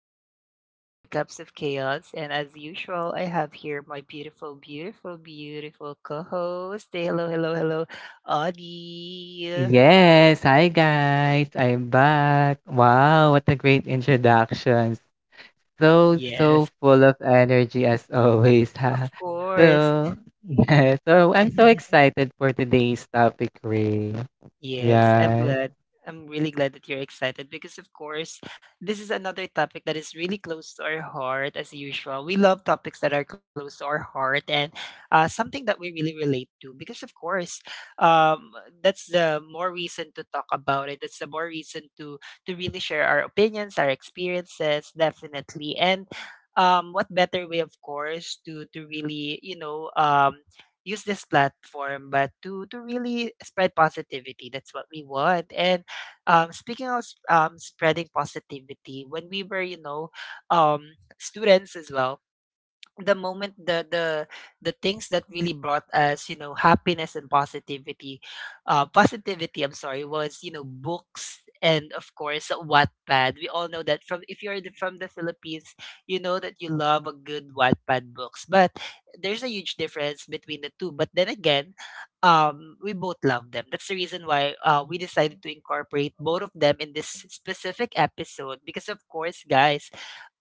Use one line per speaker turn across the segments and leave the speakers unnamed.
Once again, this is Two Cups of Chaos, and as usual, I have here my beautiful co-host. Say hello, Audie.
Yes, hi guys. I'm back. Wow, what a great introduction. So,
Yes,
full of energy as always. Ha.
of course.
So, yeah, so I'm so excited for today's topic, Ray.
Yes, I'm
Yeah.
glad. I'm really glad that you're excited because, of course, this is another topic that is really close to our heart, as usual. We love topics that are close to our heart and something that we really relate to because, of course, um, that's the more reason to talk about it. That's the more reason to really share our opinions, our experiences, definitely. And what better way, of course, to really use this platform, but to really spread positivity. That's what we want. And speaking of spreading positivity, when we were, um, students as well, the moment the things that really brought us, you know, happiness and positivity, I'm sorry, was, you know, books and of course Wattpad. We all know that. From if you're the- From the Philippines, you know that you love a good Wattpad books, but there's a huge difference between the two. But then again, we both love them. That's the reason why we decided to incorporate both of them in this specific episode, because of course, guys,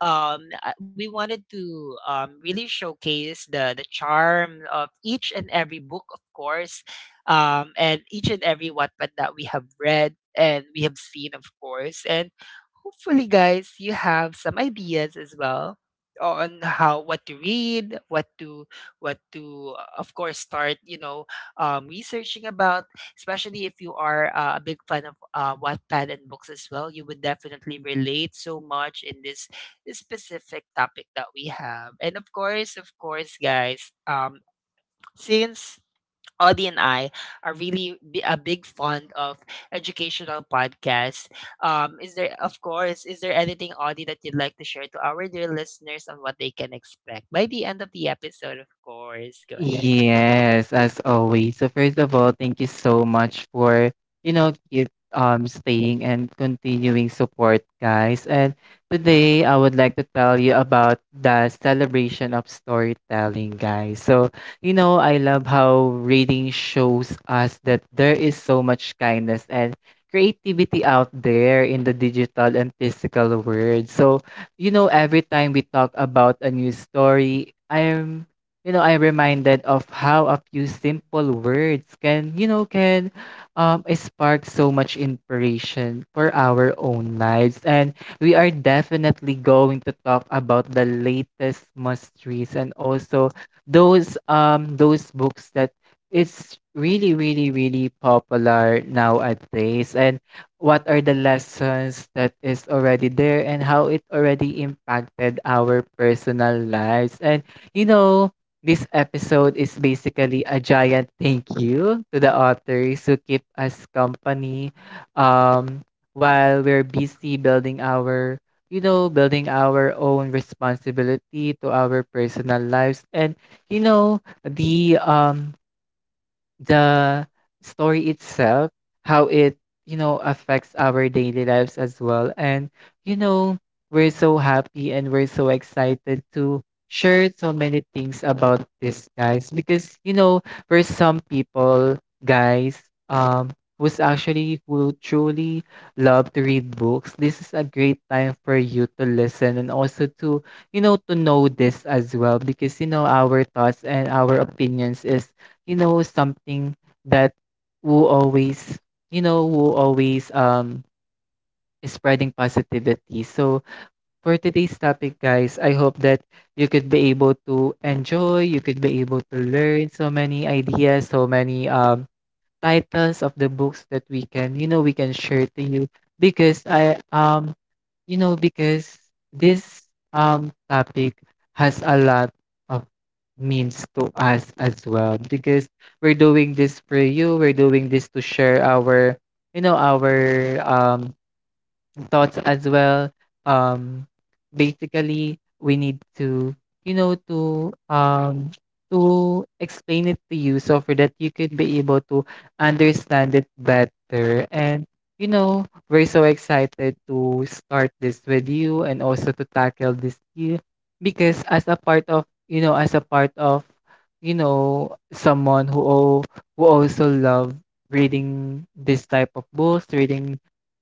we wanted to really showcase the charm of each and every book, of course, and each and every Wattpad that we have read and we have seen, of course. And hopefully, guys, you have some ideas as well on how what to read, what to, what to, of course, start, researching about, especially if you are a big fan of Wattpad and books as well. You would definitely relate so much in this specific topic that we have. And of course, guys, since Audie and I are really a big fond of educational podcasts, is there, of course, is there anything, Audie, that you'd like to share to our dear listeners on what they can expect by the end of the episode? Of course, go ahead.
Yes, as always. So first of all, thank you so much for, keep staying and continuing support, guys. And today I would like to tell you about the celebration of storytelling, guys. So, you know, I love how reading shows us that there is so much kindness and creativity out there in the digital and physical world. So, you know, every time we talk about a new story, I'm you know I'm reminded of how a few simple words can can spark so much inspiration for our own lives, and we are definitely going to talk about the latest must reads and also those books that it's really, really, really popular nowadays, and what are the lessons that is already there and how it already impacted our personal lives. And you know, this episode is basically a giant thank you to the authors who keep us company, um, while we're busy building our, you know, building our own responsibility to our personal lives, and, you know, the story itself, how it, you know, affects our daily lives as well. And, you know, we're so happy and we're so excited to share so many things about this, guys, because, you know, there's some people, guys, um, who truly love to read books. This is a great time for you to listen and also to, you know, to know this as well because, you know, our thoughts and our opinions is, you know, something that who always, you know, who always is spreading positivity. So for today's topic, guys, I hope that you could be able to enjoy, you could be able to learn so many ideas, so many titles of the books that we can, you know, we can share to you, because because this topic has a lot of means to us as well, because we're doing this for you, we're doing this to share our you know our um thoughts as well. Um, basically, we need to, you know, to explain it to you, so for that you could be able to understand it better. And you know, we're so excited to start this with you and also to tackle this here, because as a part of, you know, as a part of, you know, who also love reading this type of books, reading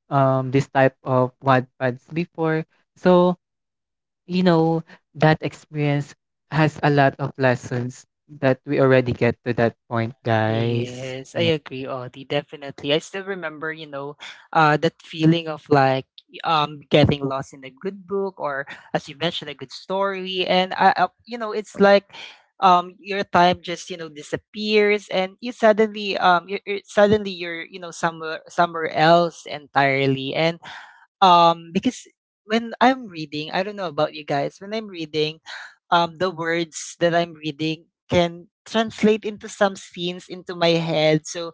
this type of Wattpads before. So, you know, that experience has a lot of lessons that we already get to that point, guys.
Yes, I agree, Audie. Definitely. I still remember, you know, that feeling of like getting lost in a good book or, as you mentioned, a good story. And I, you know, it's like your time just, you know, disappears and you suddenly suddenly you're, you know, somewhere else entirely. And because when I'm reading, I don't know about you guys, when I'm reading, the words that I'm reading can translate into some scenes into my head. So,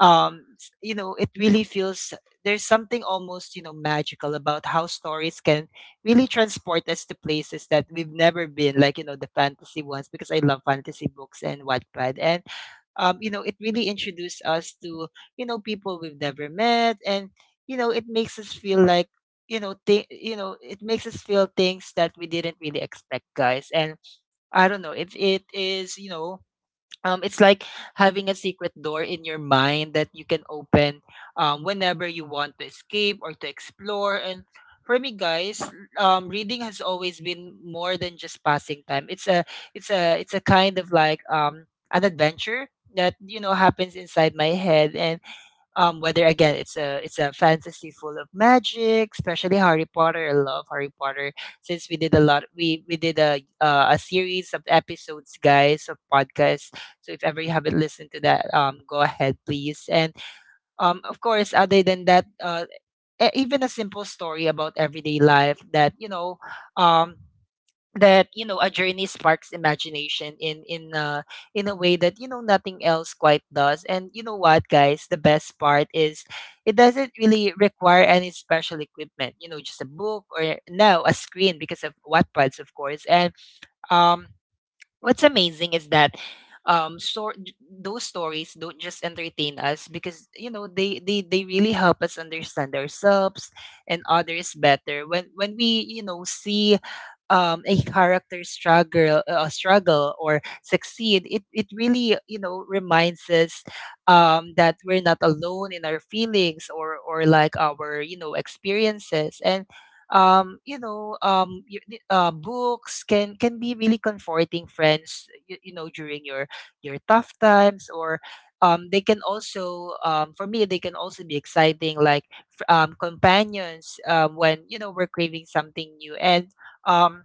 you know, it really feels there's something almost, you know, magical about how stories can really transport us to places that we've never been, like, you know, the fantasy ones, because I love fantasy books and Wattpad. And you know, it really introduced us to, you know, people we've never met. And, you know, it makes us feel like, you know, it makes us feel things that we didn't really expect, guys. And I don't know, it is, you know, it's like having a secret door in your mind that you can open whenever you want to escape or to explore. And for me, guys, reading has always been more than just passing time. It's a kind of like an adventure that, you know, happens inside my head. And whether, again, it's a fantasy full of magic, especially Harry Potter. I love Harry Potter since we did a lot. We did a series of episodes, guys, of podcasts. So if ever you haven't listened to that, go ahead, please. And of course, other than that, even a simple story about everyday life, that you know, um, that you know, a journey sparks imagination in in a way that, you know, nothing else quite does. And you know what, guys, the best part is it doesn't really require any special equipment, you know, just a book or, no, a screen because of Wattpads, of course. And um what's amazing is that, um so those stories don't just entertain us, because, you know, they really help us understand ourselves and others better. When we, you know, see a character struggle or succeed, it really, you know, reminds us that we're not alone in our feelings or like, our, you know, experiences. And books can be really comforting friends, you know, during your tough times. Or they can also, for me, they can also be exciting like companions when, you know, we're craving something new. And um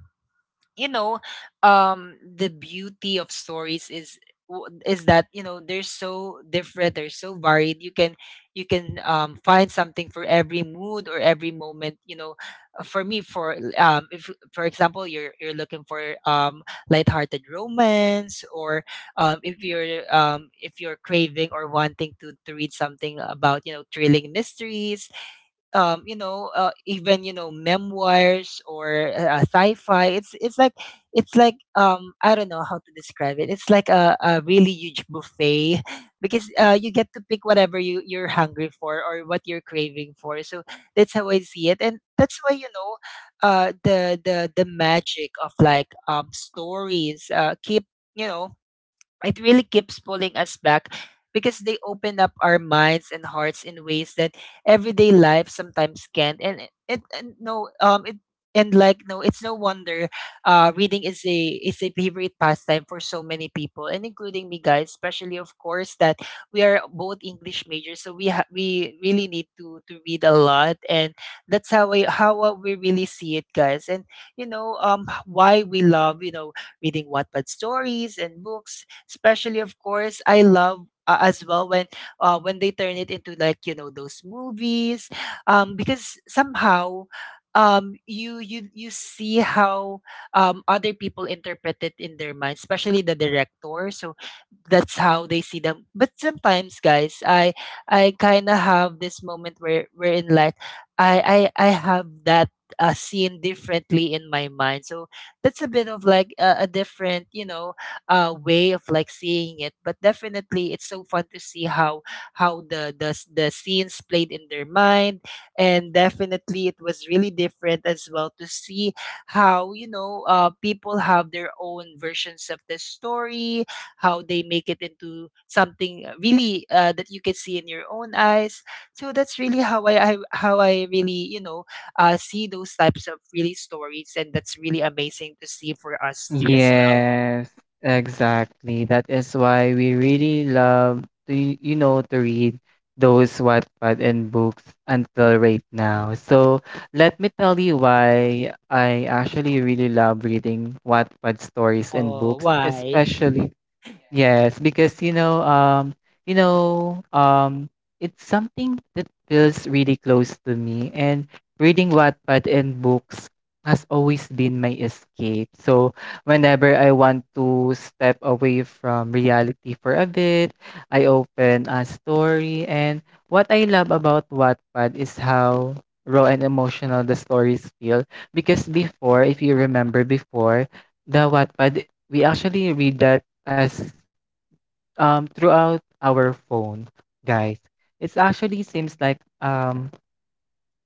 you know the beauty of stories is, is that, you know, they're so different, they're so varied. You can, you can find something for every mood or every moment, you know. For me, for if, for example, you're looking for lighthearted romance or if you're, if you're craving or wanting to read something about, you know, thrilling mysteries, you know, even, you know, memoirs or sci-fi. It's like, it's like, I don't know how to describe it. It's like a really huge buffet because, you get to pick whatever you you're hungry for or what you're craving for. So that's how I see it, and that's why, you know, the the magic of like stories keep, you know, it really keeps pulling us back because they open up our minds and hearts in ways that everyday life sometimes can't. And it and no it and like no it's no wonder reading is a, is a favorite pastime for so many people, and including me, guys, especially, of course, that we are both English majors. So we really need to read a lot. And that's how we really see it, guys. And you know, why we love, you know, reading Wattpad stories and books. Especially, of course, I love, as well, when they turn it into, like, you know, those movies, because somehow, you, you see how other people interpret it in their mind, especially the director. So that's how they see them. But sometimes, guys, I kind of have this moment where we're in like, I have that scene differently in my mind. So that's a bit of like a different, you know, way of like seeing it. But definitely, it's so fun to see how the the scenes played in their mind, and definitely it was really different as well to see how, you know, people have their own versions of the story, how they make it into something really, that you can see in your own eyes. So that's really how I really, you know, see those types of really stories, and that's really amazing to see for us too as well.
Yes, exactly. That is why we really love to, you know, to read those Wattpad and books until right now. So let me tell you why I actually really love reading Wattpad stories and
Oh,
books,
why?
especially. Yes, because you know, it's something that feels really close to me, and reading Wattpad and books has always been my escape. So whenever I want to step away from reality for a bit, I open a story, and what I love about Wattpad is how raw and emotional the stories feel. Because before, if you remember before, the Wattpad, we actually read that as throughout our phone, guys. It actually seems like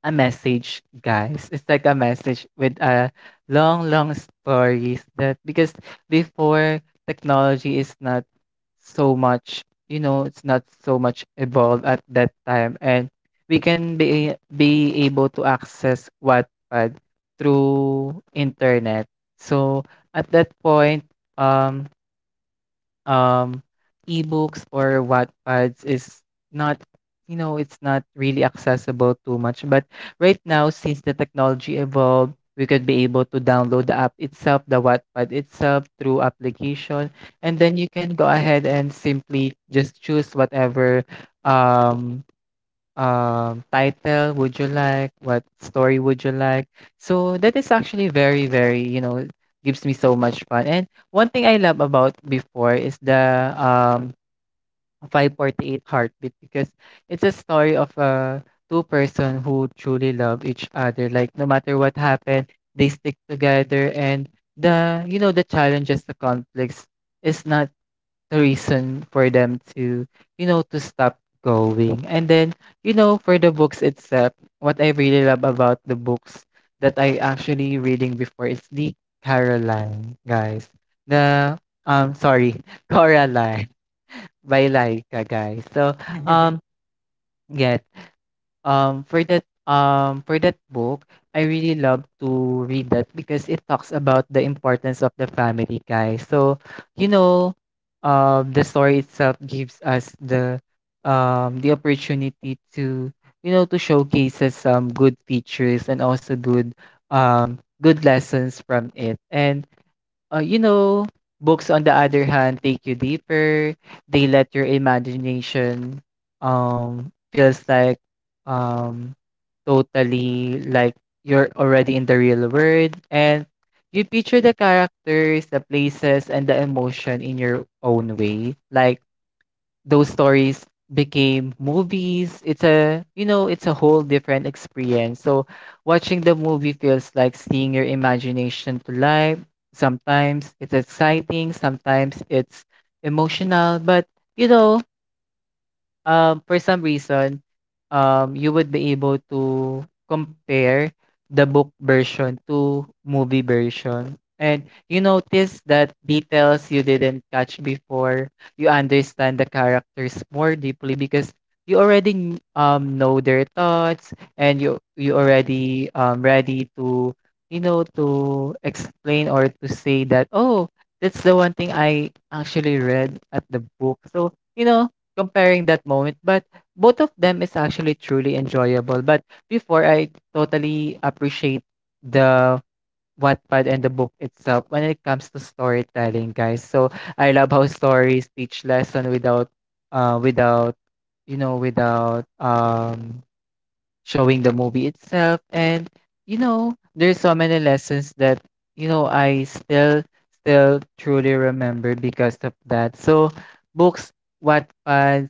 a message, guys, it's like a message with a long, long stories, that because before technology is not so much, you know, it's not so much evolved at that time, and we can be able to access Wattpad through internet. So at that point, um um, ebooks or Wattpads is not, you know, it's not really accessible too much. But right now, since the technology evolved, we could be able to download the app itself, the Wattpad itself through application, and then you can go ahead and simply just choose whatever um title would you like? What story would you like? So that is actually very, very, you know, gives me so much fun. And one thing I love about before is the 548 heartbeat, because it's a story of two-person who truly love each other. Like no matter what happened, they stick together, and the you know the challenges, the conflicts is not the reason for them to, you know, to stop going. And then, you know, for the books itself, what I really love about the books that I actually reading before is the Caroline, guys. The sorry, Coraline by Laika, guys. So, um yeah. For that book, I really love to read that because it talks about the importance of the family, guys. So, you know, the story itself gives us the opportunity to, you know, to showcase us some good features and also good, good lessons from it. And uh, you know, books on the other hand take you deeper. They let your imagination feels like um totally like you're already in the real world, and you picture the characters, the places and the emotion in your own way. Like those stories became movies, it's a, you know, it's a whole different experience. So watching the movie feels like seeing your imagination to life. Sometimes it's exciting, sometimes it's emotional. But you know, for some reason, you would be able to compare the book version to movie version. And you notice that details you didn't catch before, you understand the characters more deeply because you already know their thoughts, and you already ready to, you know, to explain or to say that, oh, that's the one thing I actually read at the book. So you know, comparing that moment, but both of them is actually truly enjoyable. But before, I totally appreciate the Wattpad and the book itself when it comes to storytelling, guys. So I love how stories teach lesson without, without, you know, without showing the movie itself. And you know, there's so many lessons that you know I still truly remember because of that. So books. Wattpad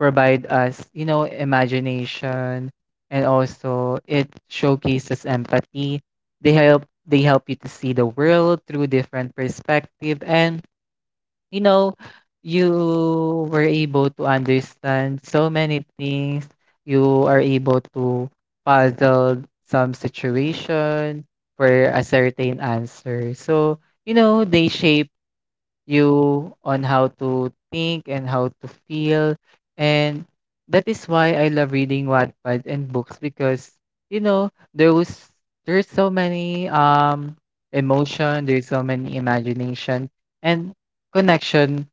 provide us, you know, imagination, and also it showcases empathy. They help you to see the world through different perspective, and you know you were able to understand so many things. You are able to puzzle some situation for a certain answer. So, you know, they shape you on how to think and how to feel. And that is why I love reading Wattpad and books, because you know there was there's so many emotion, there's so many imagination and connection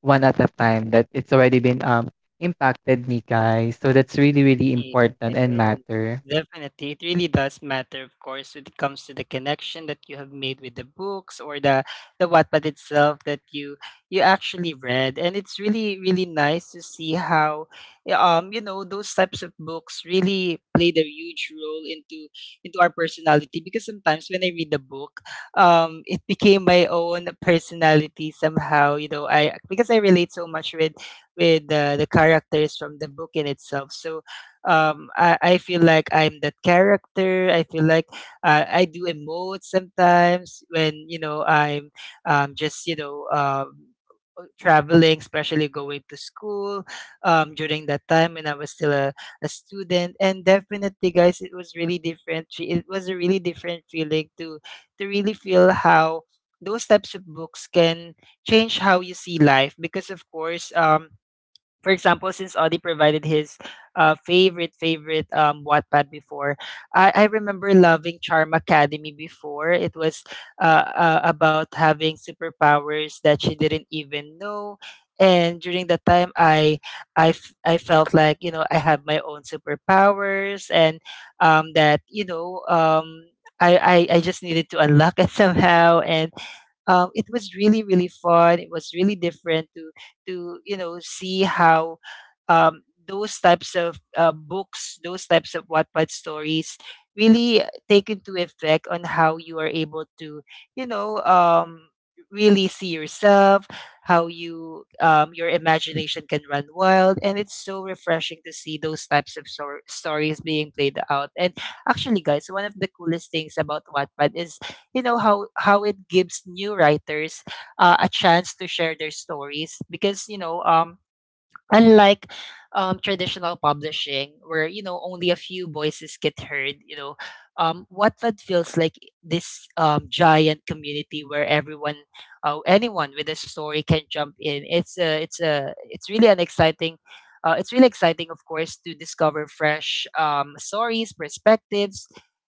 one at a time, that it's already been impacted me, guys. So that's really, really
Yes,
important and matter.
definitely. It really does matter, of course, when it comes to the connection that you have made with the books or the Wattpad itself that you actually read. And it's really, really nice to see how, yeah, you know, those types of books really played a huge role into our personality, because sometimes when I read the book, it became my own personality somehow, you know, I, because I relate so much with, the characters from the book in itself. So I feel like I'm that character. I feel like, I do emote sometimes when, you know, I'm just, you know, traveling, especially going to school during that time when I was still a student. And definitely, guys, it was really different. It was a really different feeling to really feel how those types of books can change how you see life. Because of course, for example, since Audie provided his favorite Wattpad before, I remember loving Charm Academy before. It was about having superpowers that she didn't even know. And during that time, I felt like, you know, I have my own superpowers, and that, you know, I, I just needed to unlock it somehow. And it was really really fun. It was really different to see how those types of books, those types of Wattpad stories, really take into effect on how you are able to you know um, really see yourself, how you your imagination can run wild, and it's so refreshing to see those types of stories being played out. And actually, guys, one of the coolest things about Wattpad is you know how it gives new writers a chance to share their stories, because unlike traditional publishing where you know only a few voices get heard. You know, Wattpad feels like this giant community where everyone anyone with a story can jump in. It's really an exciting— it's really exciting, of course, to discover fresh stories, perspectives,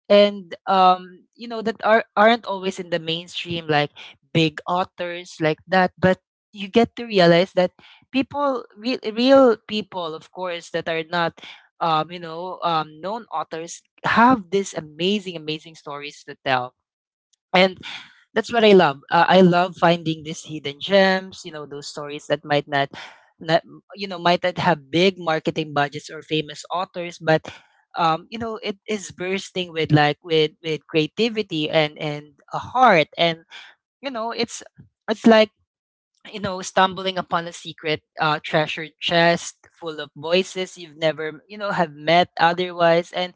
and that aren't always in the mainstream like big authors like that. But you get to realize that people real, real people, of course, that are not known authors have these amazing, amazing stories to tell. And that's what I love. I love finding these hidden gems, you know, those stories that might not, you know, might not have big marketing budgets or famous authors, but it is bursting with with creativity and a heart. And you know, it's like you know, stumbling upon a secret treasure chest full of voices you've never, you know, have met otherwise. And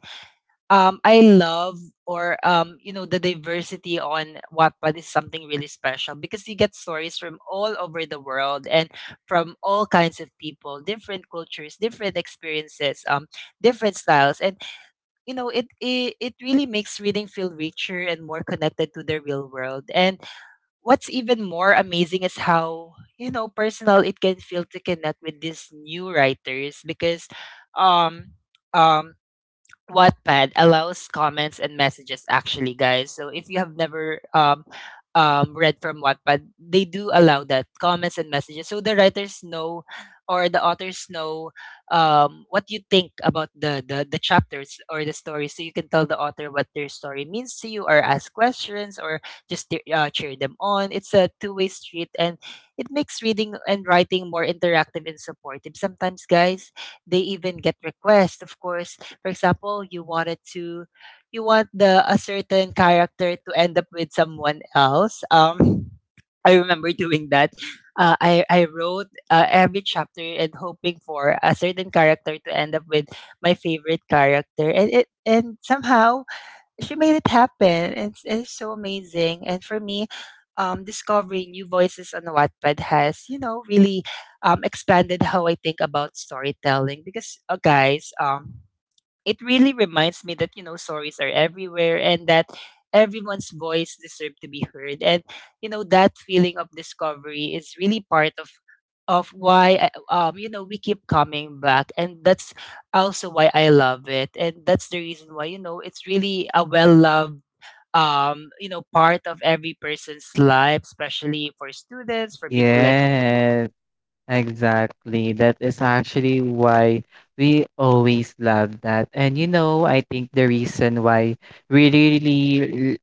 I love or you know, the diversity on Wattpad is something really special, because you get stories from all over the world and from all kinds of people, different cultures, different experiences, different styles. And you know, it really makes reading feel richer and more connected to the real world. And what's even more amazing is how, you know, personal it can feel to connect with these new writers, because um um Wattpad allows comments and messages, actually, guys. So if you have never read from Wattpad, they do allow that, comments and messages. So the writers know, or the authors know, what you think about the chapters or the story. So you can tell the author what their story means to you, or ask questions, or just cheer them on. It's a two-way street, and it makes reading and writing more interactive and supportive. Sometimes, guys, they even get requests, of course. For example, you wanted to— you want the a certain character to end up with someone else. Um, I remember doing that. I wrote every chapter and hoping for a certain character to end up with my favorite character, and it and somehow she made it happen. And it's so amazing. And for me, discovering new voices on Wattpad has, you know, really expanded how I think about storytelling. Because, guys, it really reminds me that, you know, stories are everywhere, and that everyone's voice deserves to be heard. And you know, that feeling of discovery is really part of why, you know, we keep coming back. And that's also why I love it, and that's the reason why, you know, it's really a well loved part of every person's life, especially for students, for people like—
Yes. Exactly. That is actually why we always love that. And you know, I think the reason why we really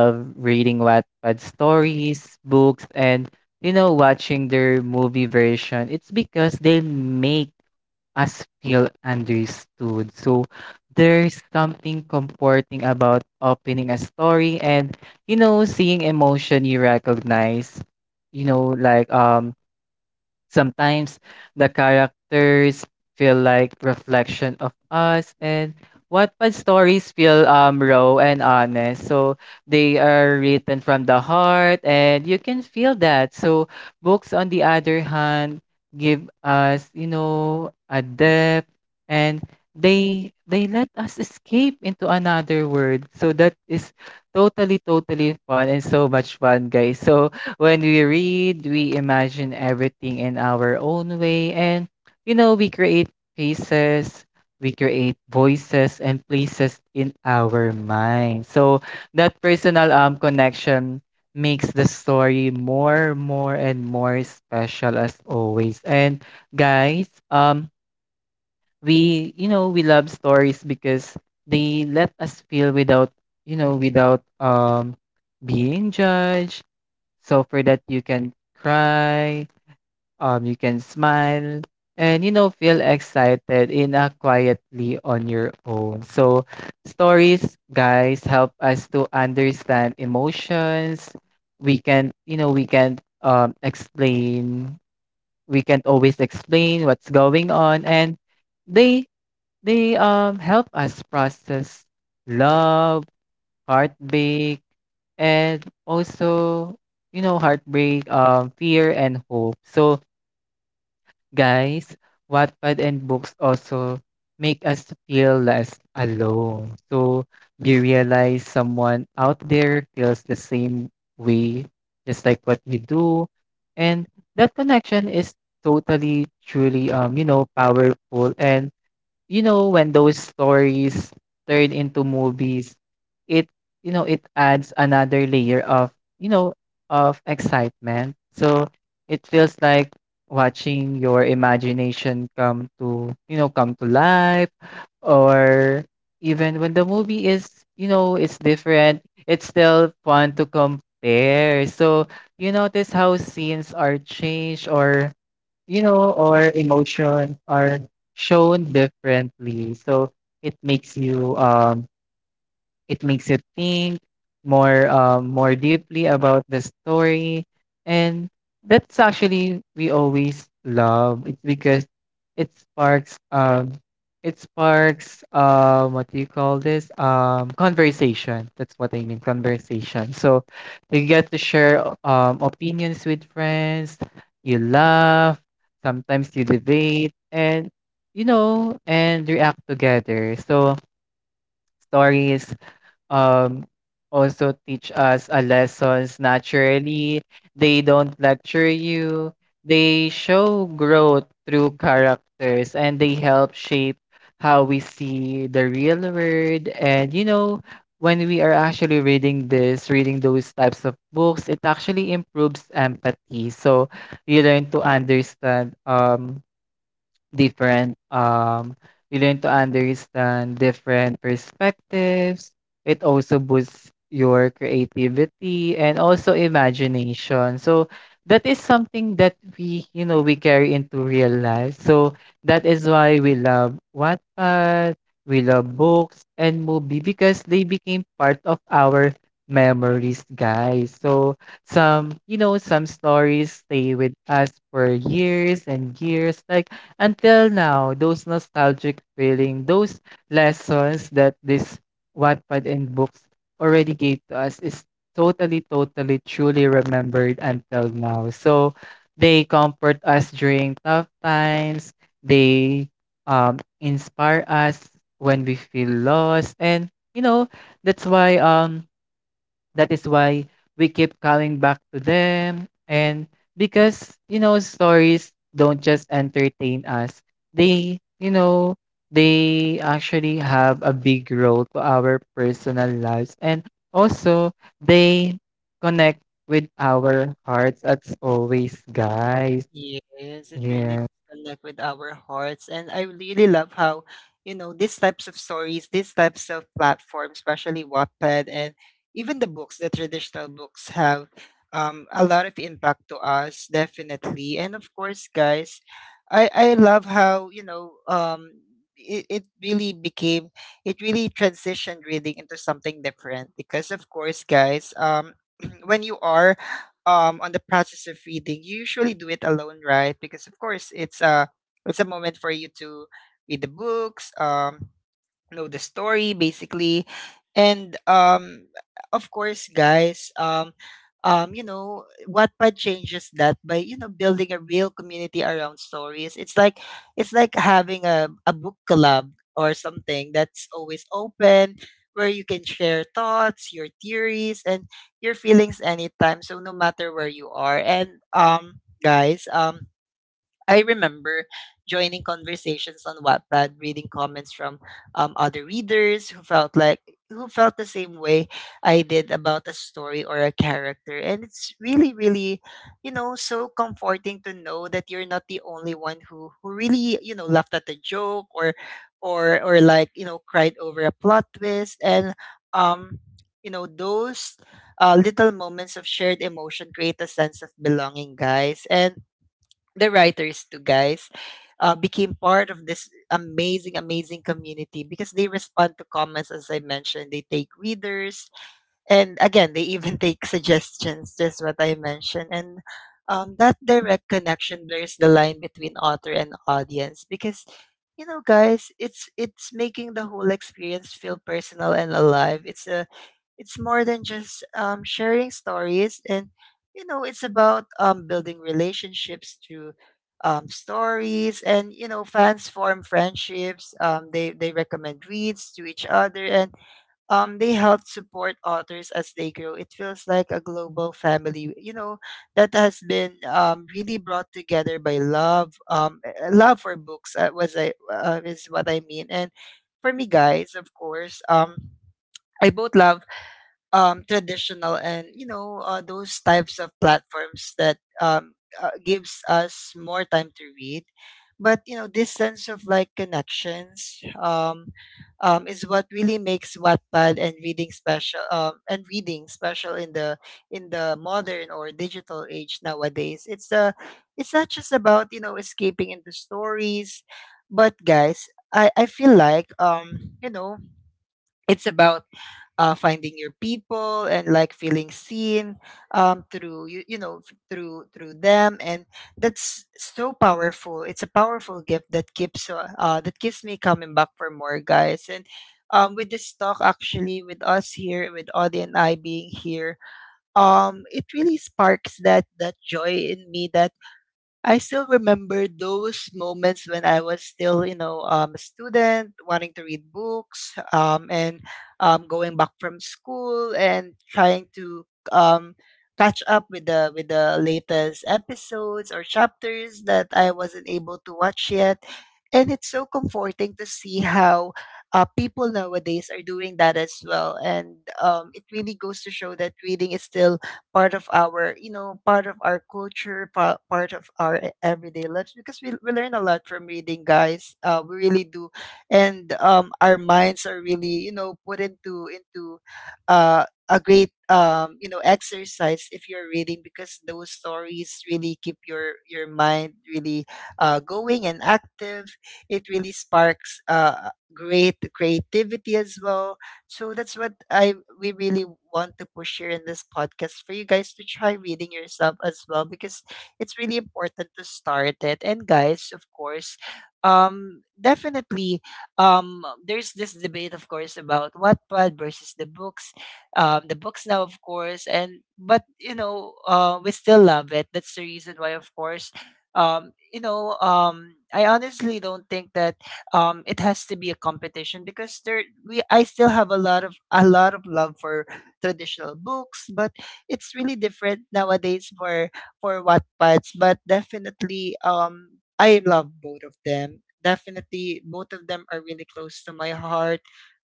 love reading Wattpad stories, books, and you know, watching their movie version, it's because they make us feel understood. So there's something comforting about opening a story, and you know, seeing emotion you recognize. You know, like sometimes the characters feel like reflection of us, and Wattpad stories feel raw and honest. So they are written from the heart, and you can feel that. So books on the other hand give us, you know, a depth, and they let us escape into another world. So that is totally, totally fun and so much fun, guys. So when we read, we imagine everything in our own way, and you know, we create faces, we create voices and places in our mind. So that personal connection makes the story more, more and more special as always. And guys, we, you know, we love stories because they let us feel without, you know, without being judged. So for that, you can cry, you can smile, and you know, feel excited in a quietly on your own. So stories, guys, help us to understand emotions. We can, you know, we can explain. We can always explain what's going on, and they they help us process love, heartbreak, and also, you know, heartbreak fear and hope. So guys, Wattpad and books also make us feel less alone. So you realize someone out there feels the same way just like what you do, and that connection is totally truly, you know, powerful. And you know, when those stories turn into movies, it, you know, it adds another layer of, you know, of excitement. So it feels like watching your imagination come to, you know, come to life. Or even when the movie is, you know, it's different, it's still fun to compare. So you notice how scenes are changed, or you know, or emotions are shown differently. So it makes you um it makes you think more deeply about the story, and that's actually we always love. It's because it sparks um it sparks what do you call this conversation. That's what I mean, conversation. So you get to share opinions with friends. You laugh. Sometimes you debate and you know and react together. So stories um also teach us a lessons naturally. They don't lecture you. They show growth through characters, and they help shape how we see the real world. And, you know, when we are actually reading this, reading those types of books, it actually improves empathy. So you learn to understand um different um you learn to understand different perspectives. It also boosts your creativity and also imagination, so that is something that we you know we carry into real life. So that is why we love Wattpad. We love books and movie because they became part of our memories, guys. So some you know some stories stay with us for years and years, like, until now. Those nostalgic feeling, those lessons that this Wattpad and books already gave to us is totally, totally, truly remembered until now. So they comfort us during tough times. They inspire us when we feel lost. And, you know, that's why um, that is why we keep coming back to them. And because, you know, stories don't just entertain us, they, you know, they actually have a big role to our personal lives. And also, they connect with our hearts as always, guys.
Yes, it really
Yeah.
does connect with our hearts. And I really love how, you know, these types of stories, these types of platforms, especially Wattpad, and even the books, the traditional books, have a lot of impact to us, definitely. And of course, guys, I love how, you know, it, it really became— it really transitioned reading into something different. Because, of course, guys, when you are on the process of reading, you usually do it alone, right? Because of course, it's a moment for you to read the books, know the story basically. And of course, guys, you know, Wattpad changes that by, you know, building a real community around stories. It's like having a book club or something that's always open, where you can share thoughts your theories and your feelings anytime, so no matter where you are. And guys, I remember joining conversations on Wattpad, reading comments from other readers who felt like who felt the same way I did about a story or a character. And it's really, really, you know, so comforting to know that you're not the only one who really, you know, laughed at the joke, or like, you know, cried over a plot twist. And um, you know, those little moments of shared emotion create a sense of belonging, guys. And the writers too, guys, became part of this amazing, amazing community, because they respond to comments, as I mentioned. They take readers, and again, they even take suggestions, just what I mentioned. And that direct connection blurs the line between author and audience, because you know, guys, it's making the whole experience feel personal and alive. It's more than just sharing stories, and you know, it's about building relationships through stories. And you know, fans form friendships. They recommend reads to each other, and they help support authors as they grow. It feels like a global family, you know, that has been really brought together by love, love for books. Was I is what I mean. And for me, guys, of course, I both love traditional, and you know, those types of platforms that gives us more time to read. But you know, this sense of like connections is what really makes Wattpad and reading special, in the modern or digital age nowadays. It's It's not just about, you know, escaping into stories, but guys, I feel like, you know, it's about finding your people, and like feeling seen through through them. And that's so powerful. It's a powerful gift that keeps me coming back for more, guys. And with this talk, actually, with us here, with Audie and I being here, it really sparks that joy in me, that I still remember those moments when I was still, you know, a student wanting to read books, and going back from school, and trying to um, catch up with the latest episodes or chapters that I wasn't able to watch yet. And it's so comforting to see how people nowadays are doing that as well. And it really goes to show that reading is still part of our, you know, part of our culture, part of our everyday lives, because we learn a lot from reading, guys. We really do. And our minds are really, you know, put into a great, you know, exercise if you're reading, because those stories really keep your mind really going and active. It really sparks great creativity as well. So that's what I we really want to push here in this podcast, for you guys to try reading yourself as well, because it's really important to start it. And guys, of course, definitely, there's this debate, of course, about Wattpad versus the books. Um, the books now, of course, and but you know, we still love it. That's the reason why, of course, I honestly don't think that it has to be a competition, because there we I still have a lot of love for traditional books. But it's really different nowadays for Wattpads. But definitely, I love both of them. Definitely, both of them are really close to my heart.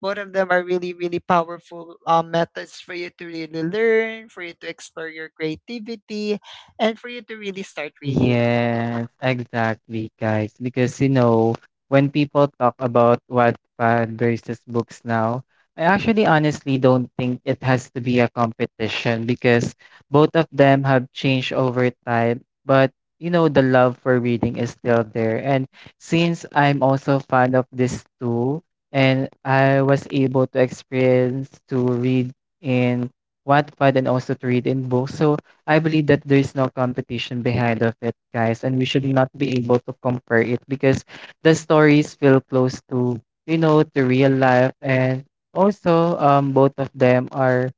Both of them are really, really powerful methods for you to really learn, for you to explore your creativity, and for you to really start reading.
Yes, exactly, guys. Because, you know, when people talk about Wattpad versus books now, I actually honestly don't think it has to be a competition because both of them have changed over time. But, you know, the love for reading is still there. And since I'm also fond of this too, and I was able to experience to read in Wattpad and also to read in books, so I believe that there is no competition behind of it, guys, and we should not be able to compare it because the stories feel close to, you know, to real life, and also both of them are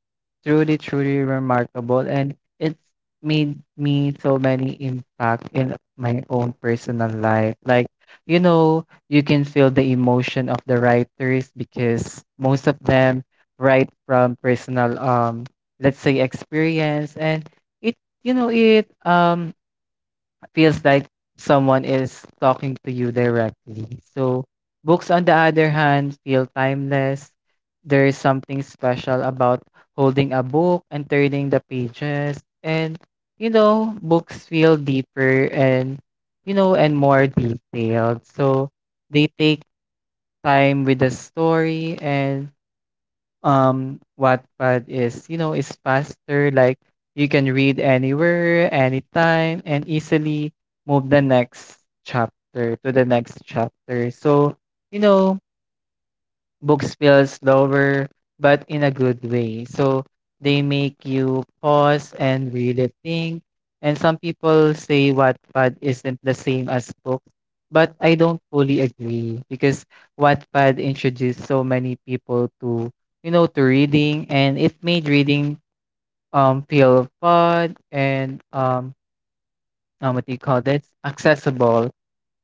truly, truly remarkable, and it's made me so many impact in my own personal life. Like, you know, you can feel the emotion of the writers because most of them write from personal let's say experience, and it it feels like someone is talking to you directly. So books on the other hand feel timeless. There is something special about holding a book and turning the pages, and, you know, books feel deeper and you know and more detailed. So they take time with the story. And Wattpad is, is faster. Like, you can read anywhere, anytime, and easily move the next chapter to the next chapter. So, you know, books feel slower, but in a good way. So they make you pause and really think. And some people say Wattpad isn't the same as books, but I don't fully agree because Wattpad introduced so many people to, you know, to reading, and it made reading feel fun and what do you call this? Accessible.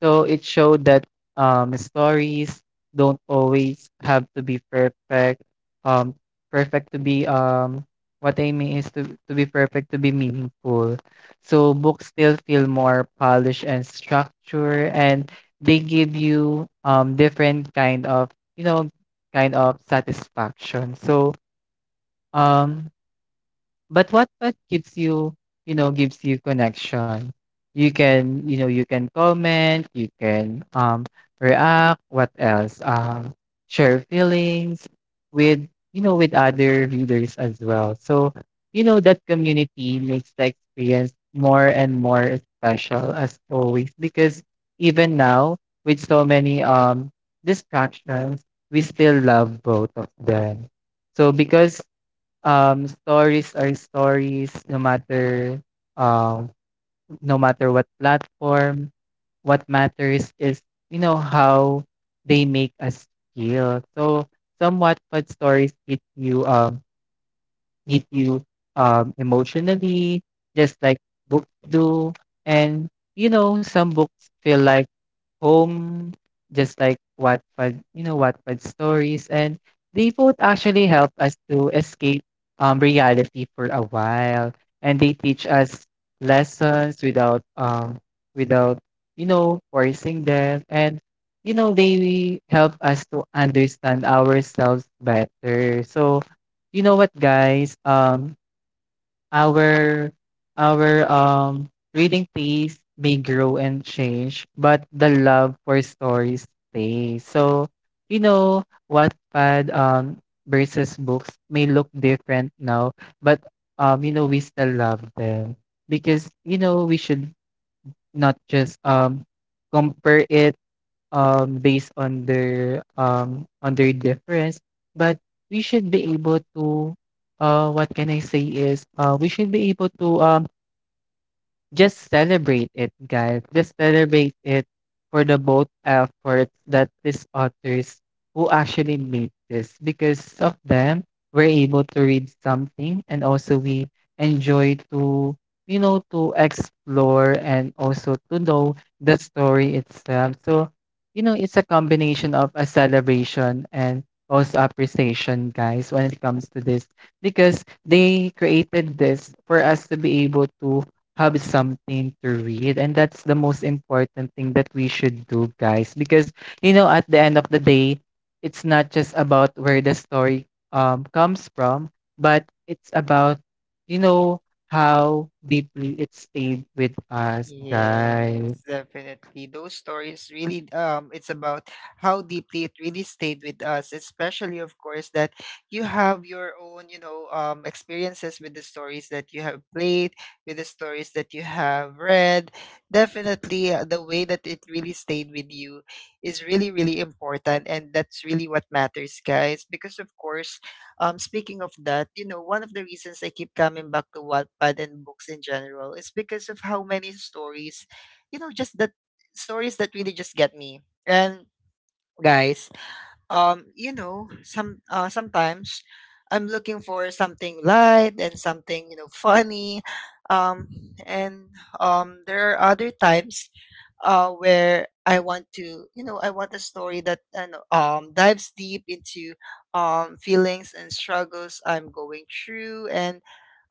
So it showed that stories don't always have to be perfect. Um, Perfect to be what I mean is to be perfect to be meaningful. So books still feel more polished and structured, and they give you different you know kind of satisfaction. So um but what gives you, you know, gives you connection? You can comment, you can react. What else? Share feelings with, you know, with other readers as well. So, you know, that community makes the experience more and more special as always because even now with so many distractions, we still love both of them. So because stories are stories, no matter um no matter what platform. What matters is, you know, how they make us feel. So somewhat, what stories hit you, hit you emotionally, just like books do. And, you know, some books feel like home, just like Wattpad, you know, Wattpad stories. And they both actually help us to escape reality for a while. And they teach us lessons without, you know, forcing them. And, you know, they help us to understand ourselves better. So, you know what, guys? Our our reading taste may grow and change, but the love for stories stays. So, you know, Wattpad versus books may look different now, but you know we still love them because, you know, we should not just compare it based on their difference. But we should be able to, what can I say is, we should be able to just celebrate it, guys. Just celebrate it for the both efforts that these authors who actually made this. Because of them, we're able to read something, and also we enjoy to, you know, to explore and also to know the story itself. So, you know, it's a combination of a celebration and also appreciation, guys, when it comes to this. Because they created this for us to be able to have something to read, and that's the most important thing that we should do, guys, because, you know, at the end of the day, it's not just about where the story comes from, but it's about, you know, how deeply it stayed with us, guys.
Yes, definitely. Those stories really it's about how deeply it really stayed with us, especially of course that you have your own, you know, experiences with the stories that you have played, with the stories that you have read. Definitely the way that it really stayed with you is really, really important, and that's really what matters, guys. Because of course, speaking of that, you know, one of the reasons I keep coming back to Wattpad and books in general is because of how many stories, you know, just that stories that really just get me. And guys, you know, sometimes I'm looking for something light and something funny, um, and there are other times where I want to, I want a story that dives deep into feelings and struggles I'm going through. And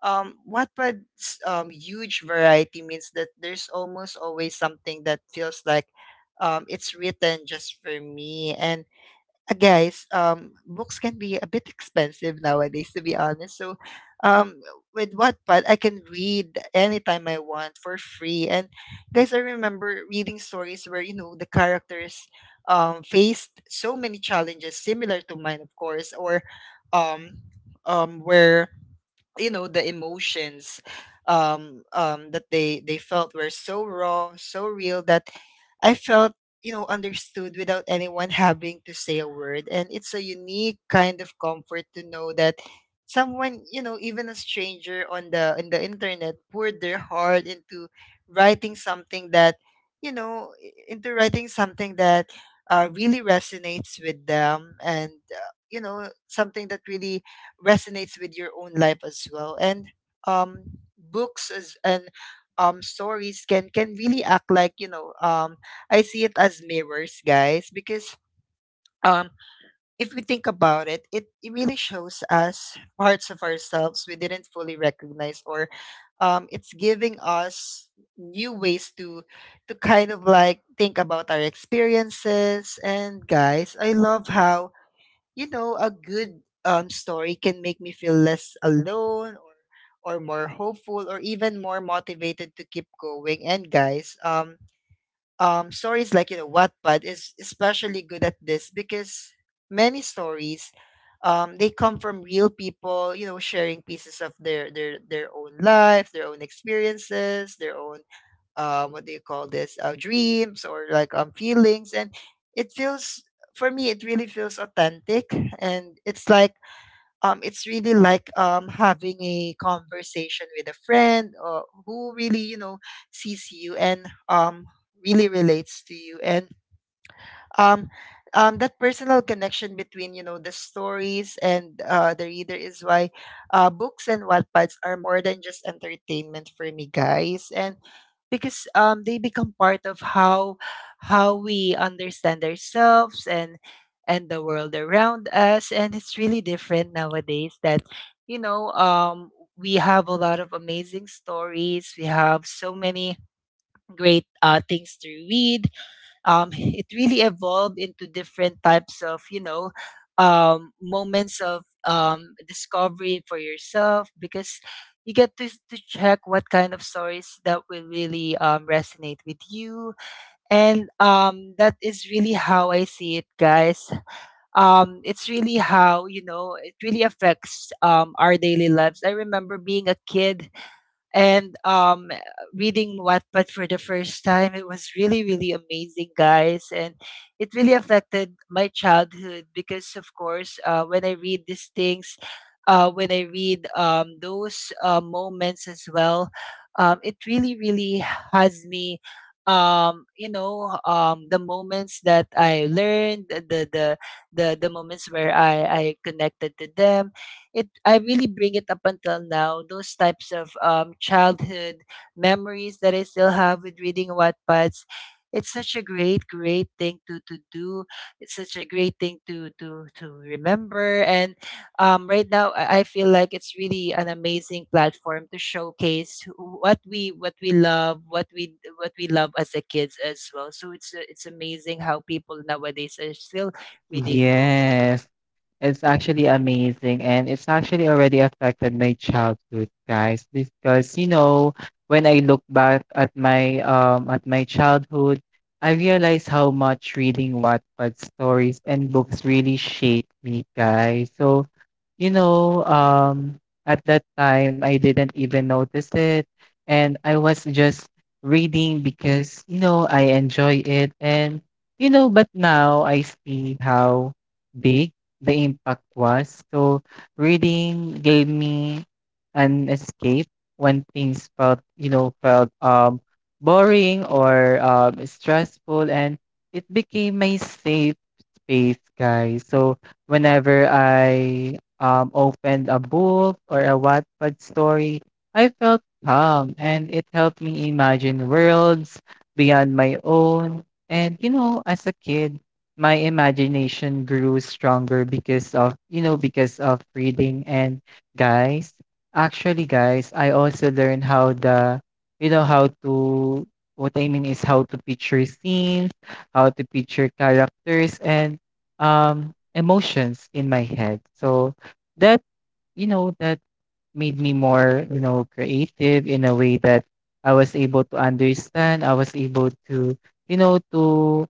Wattpad's huge variety means that there's almost always something that feels like it's written just for me. And guys, books can be a bit expensive nowadays, to be honest. So, um, with Wattpad, I can read anytime I want for free. And guys, I remember reading stories where the characters faced so many challenges similar to mine, of course, or um, um, where the emotions that they felt were so raw, so real that I felt, understood without anyone having to say a word. And it's a unique kind of comfort to know that someone, even a stranger on the internet, poured their heart into writing something that into writing something that really resonates with them, and something that really resonates with your own life as well. And books as and stories can really act like, I see it as mirrors, guys, because um if we think about it, it really shows us parts of ourselves we didn't fully recognize, or it's giving us new ways to kind of think about our experiences. And guys, I love how, a good story can make me feel less alone, or more hopeful, or even more motivated to keep going. And guys, stories like, Wattpad is especially good at this because many stories, they come from real people, sharing pieces of their own life, their own experiences, their own what do you call this, dreams, or like feelings. And it feels, for me it really feels authentic. And it's like, it's really like having a conversation with a friend, or who really, sees you and really relates to you. And um that personal connection between, the stories and the reader, is why books and Wattpads are more than just entertainment for me, guys. And because they become part of how we understand ourselves and the world around us. And it's really different nowadays that, you know um we have a lot of amazing stories, we have so many great things to read. It really evolved into different types of, moments of discovery for yourself, because you get to check what kind of stories that will really resonate with you. And that is really how I see it, guys. It's really how, it really affects our daily lives. I remember being a kid, and reading Wattpad for the first time. It was really, really amazing, guys. And it really affected my childhood, because of course, when I read these things, when I read those moments as well, it really, really has me, the moments that I learned, the moments where I connected to them, it I really bring it up until now. Those types of childhood memories that I still have with reading Wattpads. It's such a great, great thing to do. It's such a great thing to to remember. And right now, I feel like it's really an amazing platform to showcase what we love, what we love as a kids as well. So it's it's amazing how people nowadays are still reading.
Yes. It's actually amazing, and it's actually already affected my childhood, guys, because, you know, when I look back at my childhood, I realize how much reading Wattpad stories and books really shaped me, guys. So, you know, at that time I didn't even notice it, and I was just reading because, you know, I enjoy it, and, you know, but now I see how big the impact was. So reading gave me an escape when things felt boring or stressful, and it became my safe space, guys. So whenever I opened a book or a Wattpad story, I felt calm, and it helped me imagine worlds beyond my own. And, you know, as a kid, my imagination grew stronger because of reading. And guys, actually guys, I also learned how you know, how to, what I mean is, how to picture scenes, how to picture characters and emotions in my head. So that, that made me more, you know, creative in a way that I was able to understand, I was able to, you know to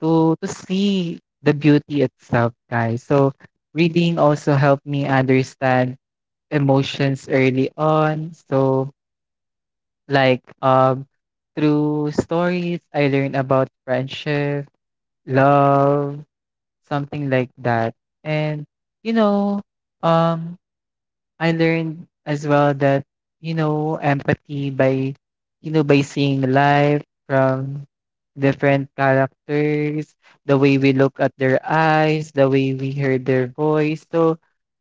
to see the beauty itself, guys. So reading also helped me understand emotions early on. So, like, through stories I learned about friendship, love, something like that. And, you know, um I learned as well that, you know, empathy, by, by seeing life from different characters, the way we look at their eyes, the way we hear their voice. So,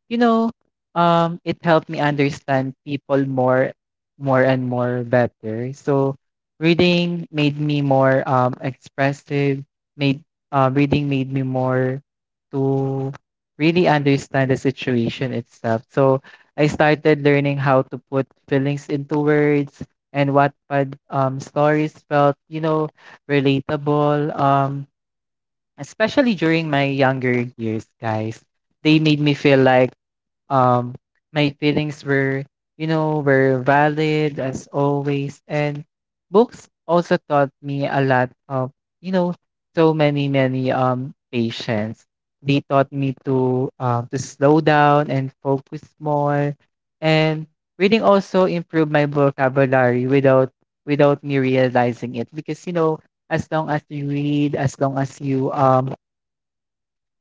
you know, it helped me understand people more, more and more better. So, reading made me more expressive. Made Reading made me more to really understand the situation itself. So, I started learning how to put feelings into words, and Wattpad stories felt, you know, relatable, especially during my younger years, guys. They made me feel like um, my feelings were valid as always. And books also taught me a lot of, you know, so many, many patience. They taught me to slow down and focus more. And reading also improved my vocabulary without me realizing it. Because, you know, as long as you read, as long as you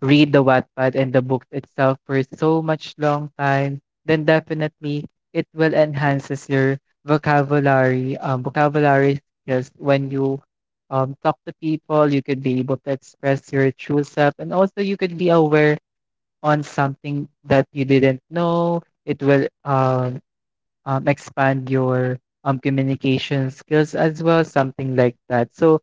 read the Wattpad and the book itself for so much long time, then definitely it will enhances your vocabulary skills when you talk to people. You could be able to express your true self, and also you could be aware on something that you didn't know. It will expand your communication skills as well, something like that. So,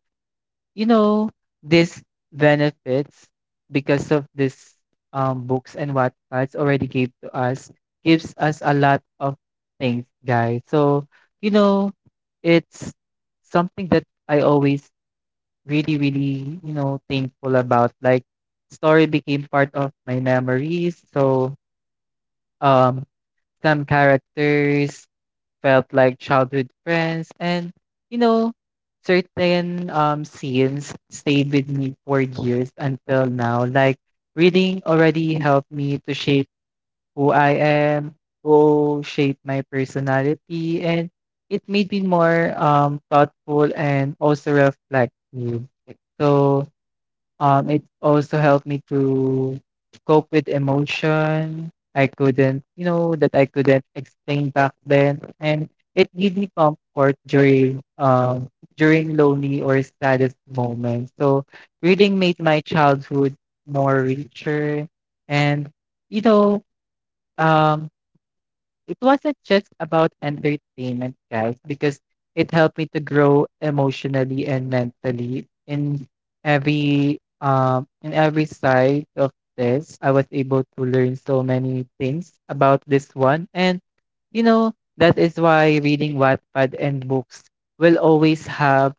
you know, this benefits because of this books and Wattpads already gave to us gives us a lot of things, guys. So, you know, it's something that I always really, really, you know, thankful about. Like, story became part of my memories. So, um, some characters felt like childhood friends. And, you know, certain scenes stayed with me for years until now. Like, reading already helped me to shape who I am, who shape my personality, and it made me more thoughtful and also reflective. So, it also helped me to cope with emotion I couldn't, you know, that I couldn't explain back then, and it gave me comfort during lonely or saddest moments. So reading made my childhood more richer, and you know, um, it wasn't just about entertainment, guys, because it helped me to grow emotionally and mentally in every side of this. I was able to learn so many things about this one, and you know, that is why reading Wattpad and books will always have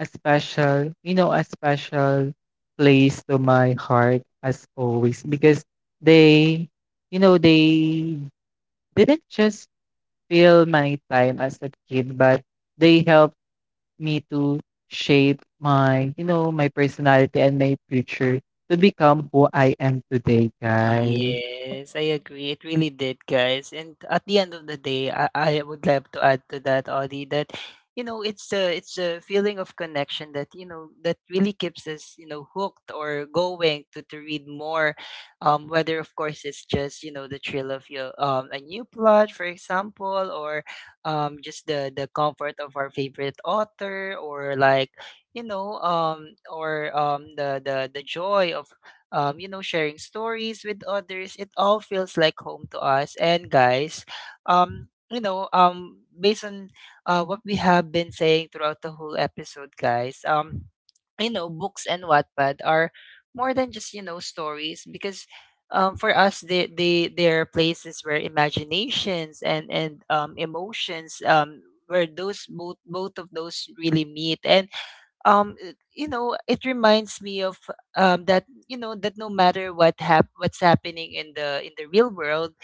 a special, a special place to my heart as always, because they, they didn't just feel my time as a kid, but they helped me to shape my, my personality and my future, to become who I am today, guys.
Yes, I agree. It really did, guys. And at the end of the day, I would like to add to that, Audie, that it's a feeling of connection that, that really keeps us, hooked or going to read more. Whether of course it's just, the thrill of your a new plot, for example, or just the comfort of our favorite author, or like, you know or the joy of sharing stories with others. It all feels like home to us. And guys, based on what we have been saying throughout the whole episode, guys, books and Wattpad are more than just, stories, because for us they're places where imaginations and emotions, where those both, of those really meet. And you know it reminds me of that, that no matter what's happening in the real world,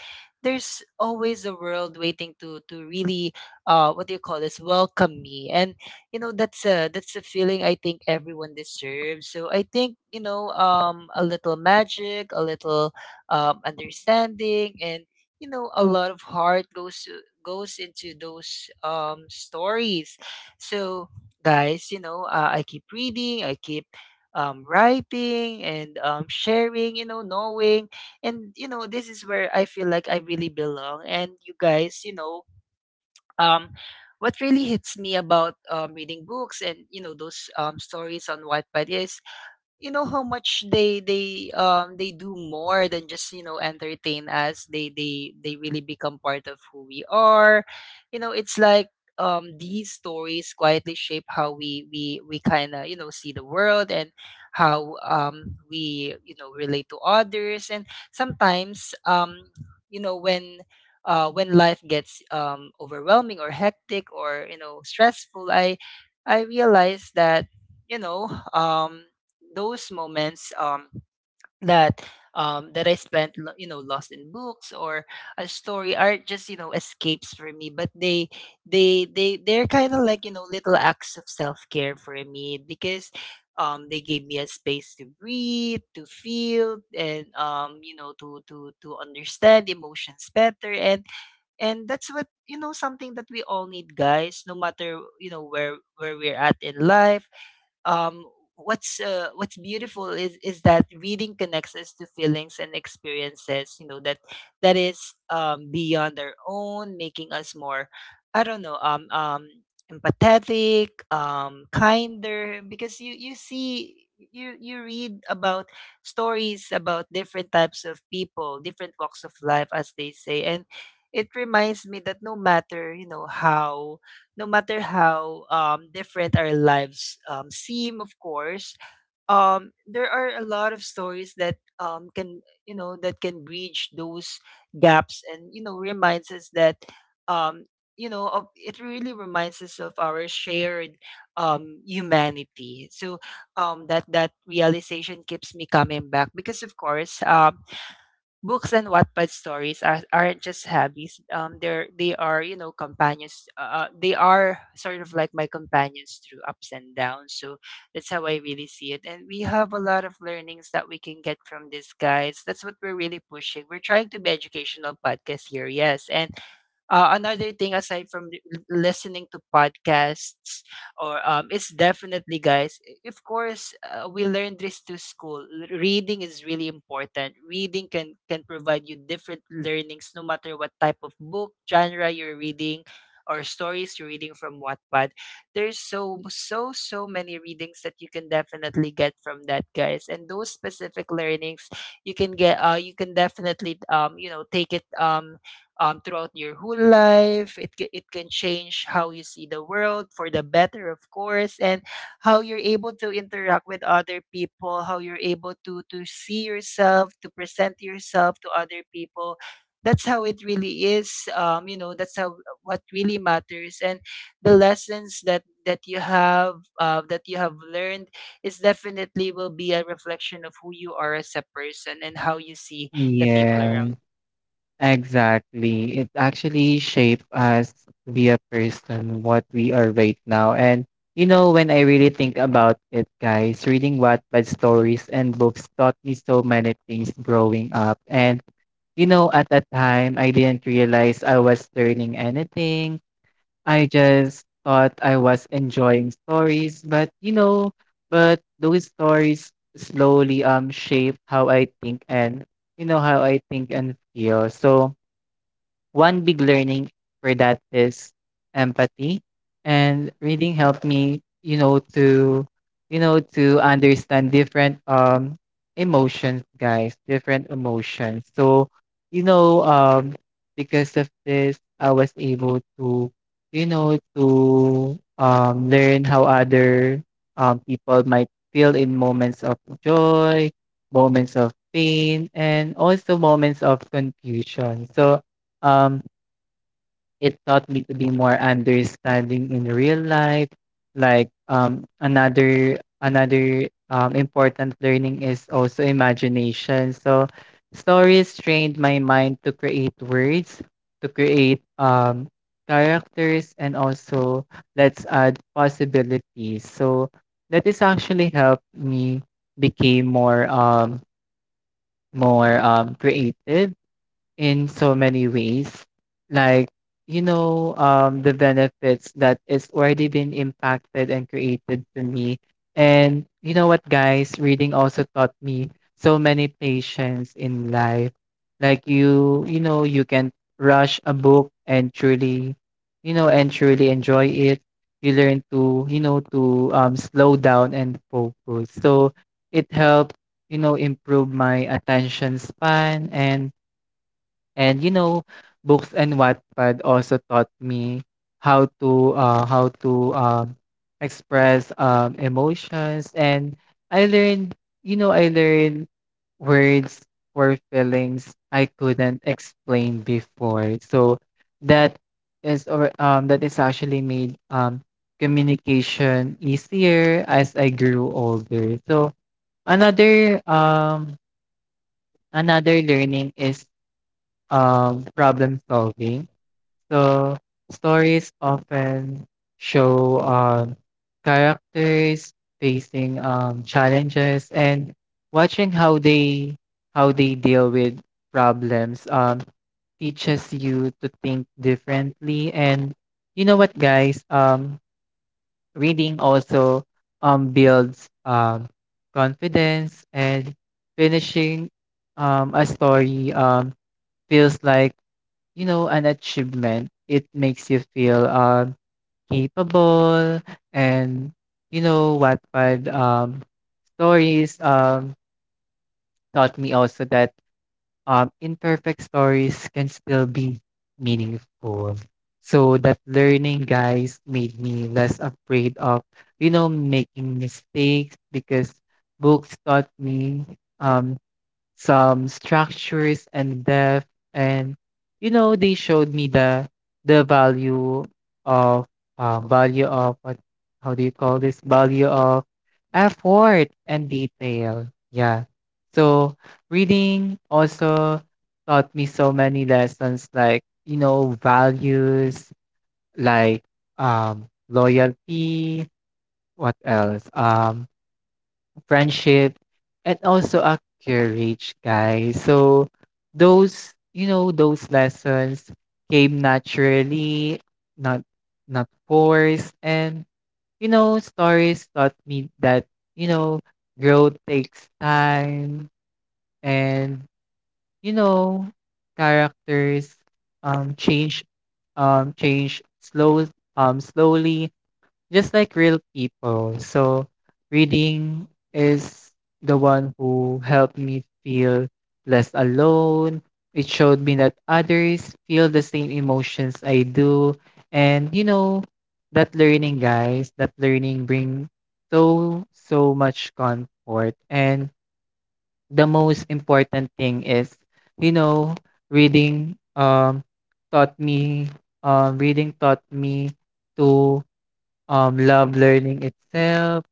there's always a world waiting to really, what do you call this, welcome me. And you know that's a feeling I think everyone deserves. So I think, a little magic, a little understanding, and, a lot of heart goes to, goes into those stories. So guys, you know, I keep reading, I keep writing and sharing, knowing. And, this is where I feel like I really belong. And you guys, um, what really hits me about reading books and, those stories on Wattpad is, how much they do more than just, entertain us. They really become part of who we are. You know, it's like, these stories quietly shape how we kind of, see the world, and how we, relate to others. And sometimes, you know when when life gets overwhelming or hectic, or you know, stressful, I realize that, you know um those moments that that I spent lost in books or a story, are just, escapes for me, but they're kind of like, little acts of self-care for me, because they gave me a space to breathe, to feel, and you know to understand emotions better. And that's what, something that we all need, guys, no matter, where we're at in life. Um, what's uh, what's beautiful is that reading connects us to feelings and experiences, that that is beyond our own, making us more, I don't know empathetic, kinder, because you you read about stories about different types of people, different walks of life, as they say. And it reminds me that no matter, how different our lives seem, of course, there are a lot of stories that can, that can bridge those gaps, and, reminds us that, um, it really reminds us of our shared humanity. So that realization keeps me coming back, because, of course, books and Wattpad stories aren't just hobbies. They are, you know, companions. They are sort of like my companions through ups and downs. So that's how I really see it. And we have a lot of learnings that we can get from these guides. That's what we're really pushing. We're trying to be educational podcast here, yes, and another thing aside from listening to podcasts or it's definitely guys of course, we learned this through school. Reading is really important. Reading can provide you different learnings, no matter what type of book genre you're reading or stories you're reading from Wattpad. There's so so many readings that you can definitely get from that, guys. And those specific learnings you can get, you can definitely, take it, throughout your whole life. It can change how you see the world for the better, of course, and how you're able to interact with other people, how you're able to see yourself, to present yourself to other people. That's how it really is. You know, that's how, what really matters, and the lessons that you have that you have learned is definitely will be a reflection of who you are as a person, and how you see the people
Yes,
around.
exactly. It actually shaped us to be a person what we are right now. And you know, when I really think about it, guys, reading Wattpad stories and books taught me so many things growing up. And you know, at that time, I didn't realize I was learning anything. I just thought I was enjoying stories, but those stories slowly shape how I think, and how I think and feel. So one big learning for that is empathy. And reading helped me, to understand different emotions, guys, different emotions. So, you know, um because of this I was able to, learn how other people might feel in moments of joy, moments of pain, and also moments of confusion. So um, it taught me to be more understanding in real life. Like another important learning is also imagination. So stories trained my mind to create words, to create characters, and also let's add possibilities. So that is actually helped me became more creative in so many ways. Like, the benefits that it's already been impacted and created to me. And you know what, guys, reading also taught me so many patience in life. Like, you can rush a book and truly, and truly enjoy it. You learn to, slow down and focus. So it helps, improve my attention span. And you know, books and Wattpad also taught me how to express emotions, and I learned, I learned words for feelings I couldn't explain before. So that that is actually made communication easier as I grew older. So another um another learning is problem solving. So stories often show characters facing challenges, and watching how they deal with problems teaches you to think differently. And you know what, guys, reading also builds confidence, and finishing a story feels like, you know, an achievement. It makes you feel capable. And you know what, but stories taught me also that imperfect stories can still be meaningful. So that learning, guys, made me less afraid of, you know, making mistakes, because books taught me um some structures and depth. And you know, they showed me the the value of value of what how do you call this value of effort and detail, yeah. So reading also taught me so many lessons, like, you know, values, like loyalty, what else, friendship, and also a courage, guys. So those, you know, those lessons came naturally, not not forced. And, you know, stories taught me that, you know, growth takes time, and, you know, characters change change slow slowly, just like real people. So reading is the one who helped me feel less alone. It showed me that others feel the same emotions I do. And you know, that learning, guys, that learning bring so so much comfort. And the most important thing is, you know, reading um taught me reading taught me to love learning itself.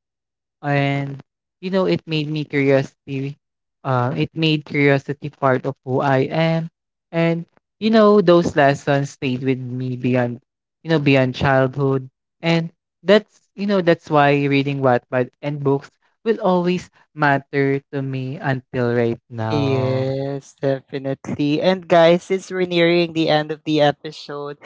And you know, it made me curiosity. It made curiosity part of who I am. And you know, those lessons stayed with me beyond, beyond childhood. And that's, you know, that's why reading Wattpad and books will always matter to me until right now.
Yes, definitely. And guys, since we're nearing the end of the episode,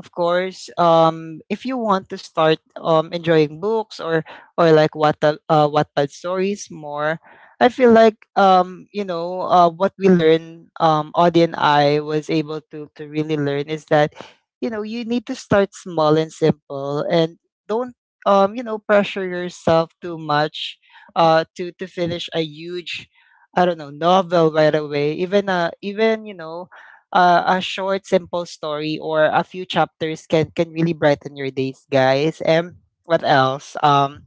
of course, if you want to start enjoying books or like what the Wattpad stories more, I feel like, what we learned, Audie and I was able to really learn is that, you need to start small and simple, and don't pressure yourself too much to finish a huge, I don't know, novel right away. Even, you know, a short simple story or a few chapters can really brighten your days, guys. And what else?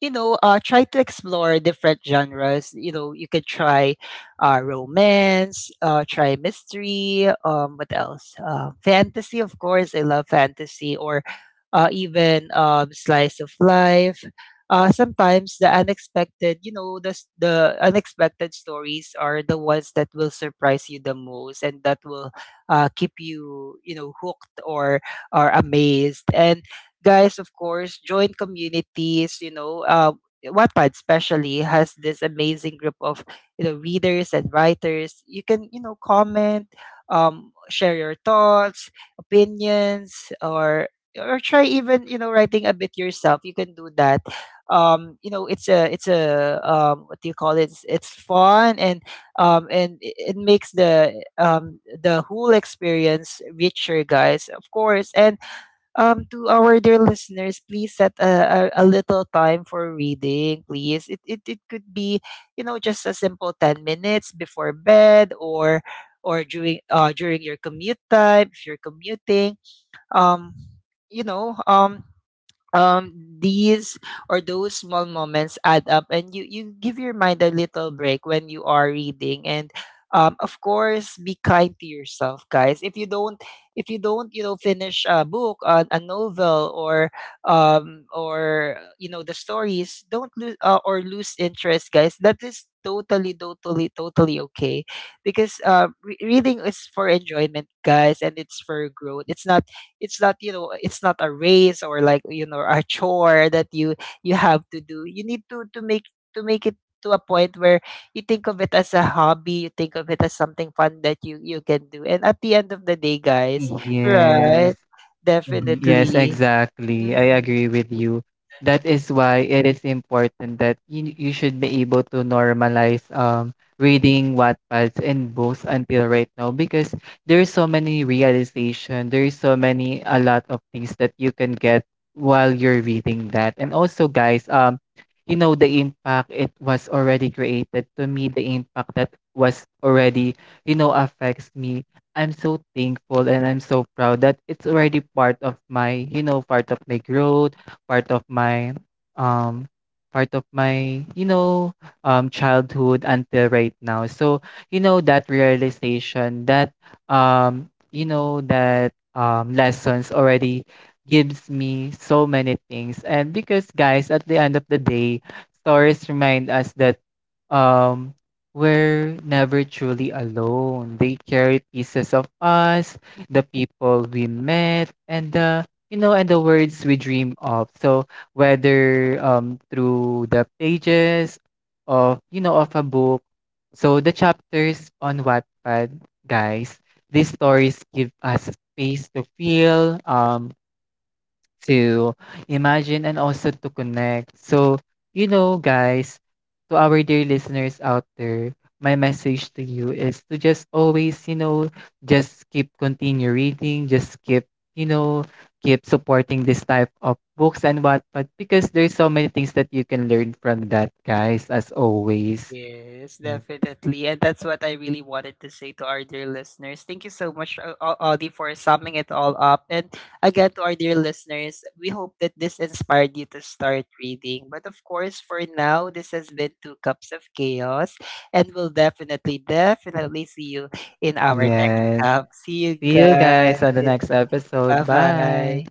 You know, try to explore different genres. You know, you could try romance, try mystery, what else? Fantasy, of course. I love fantasy, or even slice of life. Sometimes the unexpected, you know, the unexpected stories are the ones that will surprise you the most, and that will keep you, you know, hooked or amazed. And guys, of course, join communities, you know, Wattpad especially has this amazing group of, you know, readers and writers. You can, you know, comment, share your thoughts, opinions, or try even, you know, writing a bit yourself. You can do that. You know, it's a what do you call it? It's fun, and it makes the whole experience richer, guys. Of course. And to our dear listeners, please set a, a, little time for reading, please. It it could be, you know, just a simple 10 minutes before bed, or during during your commute time, if you're commuting. um you know um um these or those small moments add up, and you give your mind a little break when you are reading. And of course, be kind to yourself, guys. If you don't, you know, finish a book, a novel, or you know, the stories don't lose, or lose interest, guys, that is totally, totally, totally okay, because reading is for enjoyment, guys, and it's for growth. It's not, it's not, you know, it's not a race, or like, you know, a chore that you have to do. You need to make, to make it to a point where you think of it as a hobby, you think of it as something fun that you can do. And at the end of the day, guys,
Yes.
right,
Mhm. Yes,
definitely.
exactly. I
Mhm.
agree with you. That is why it is important that you should be able to normalize reading Wattpads and books until right now, because there's so many realization, there's so many a lot of things that you can get while you're reading that. And also guys, you know the impact it was already created to me, the impact that was already, you know, affects me. I'm so thankful and I'm so proud that it's already part of my, you know, part of my growth, part of my um part of my, you know, childhood until right now. So, you know, that realization, that you know, that lessons already gives me so many things. And because guys, at the end of the day, stories remind us that um we're never truly alone. They carried pieces of us, the people we met, and the, you know, and the words we dream of. So whether through the pages of, you know, of a book, so the chapters on Wattpad, guys, these stories give us space to feel, to imagine and also to connect. So, you know, guys, to our dear listeners out there, my message to you is to just always, you know, just keep continue reading, just keep, you know, keep supporting this type of books and what, but because there's so many things that you can learn from that, guys, as always.
Yes, definitely. And that's what I really wanted to say to our dear listeners. Thank you so much, Audie, for summing it all up. And again, to our dear listeners, we hope that this inspired you to start reading. But of course, for now, this has been Two Cups of Chaos. And we'll definitely, definitely see you in our next
Yes.
cup. See you
See you
guys.
guys on the next
Bye
episode.
bye.
Bye.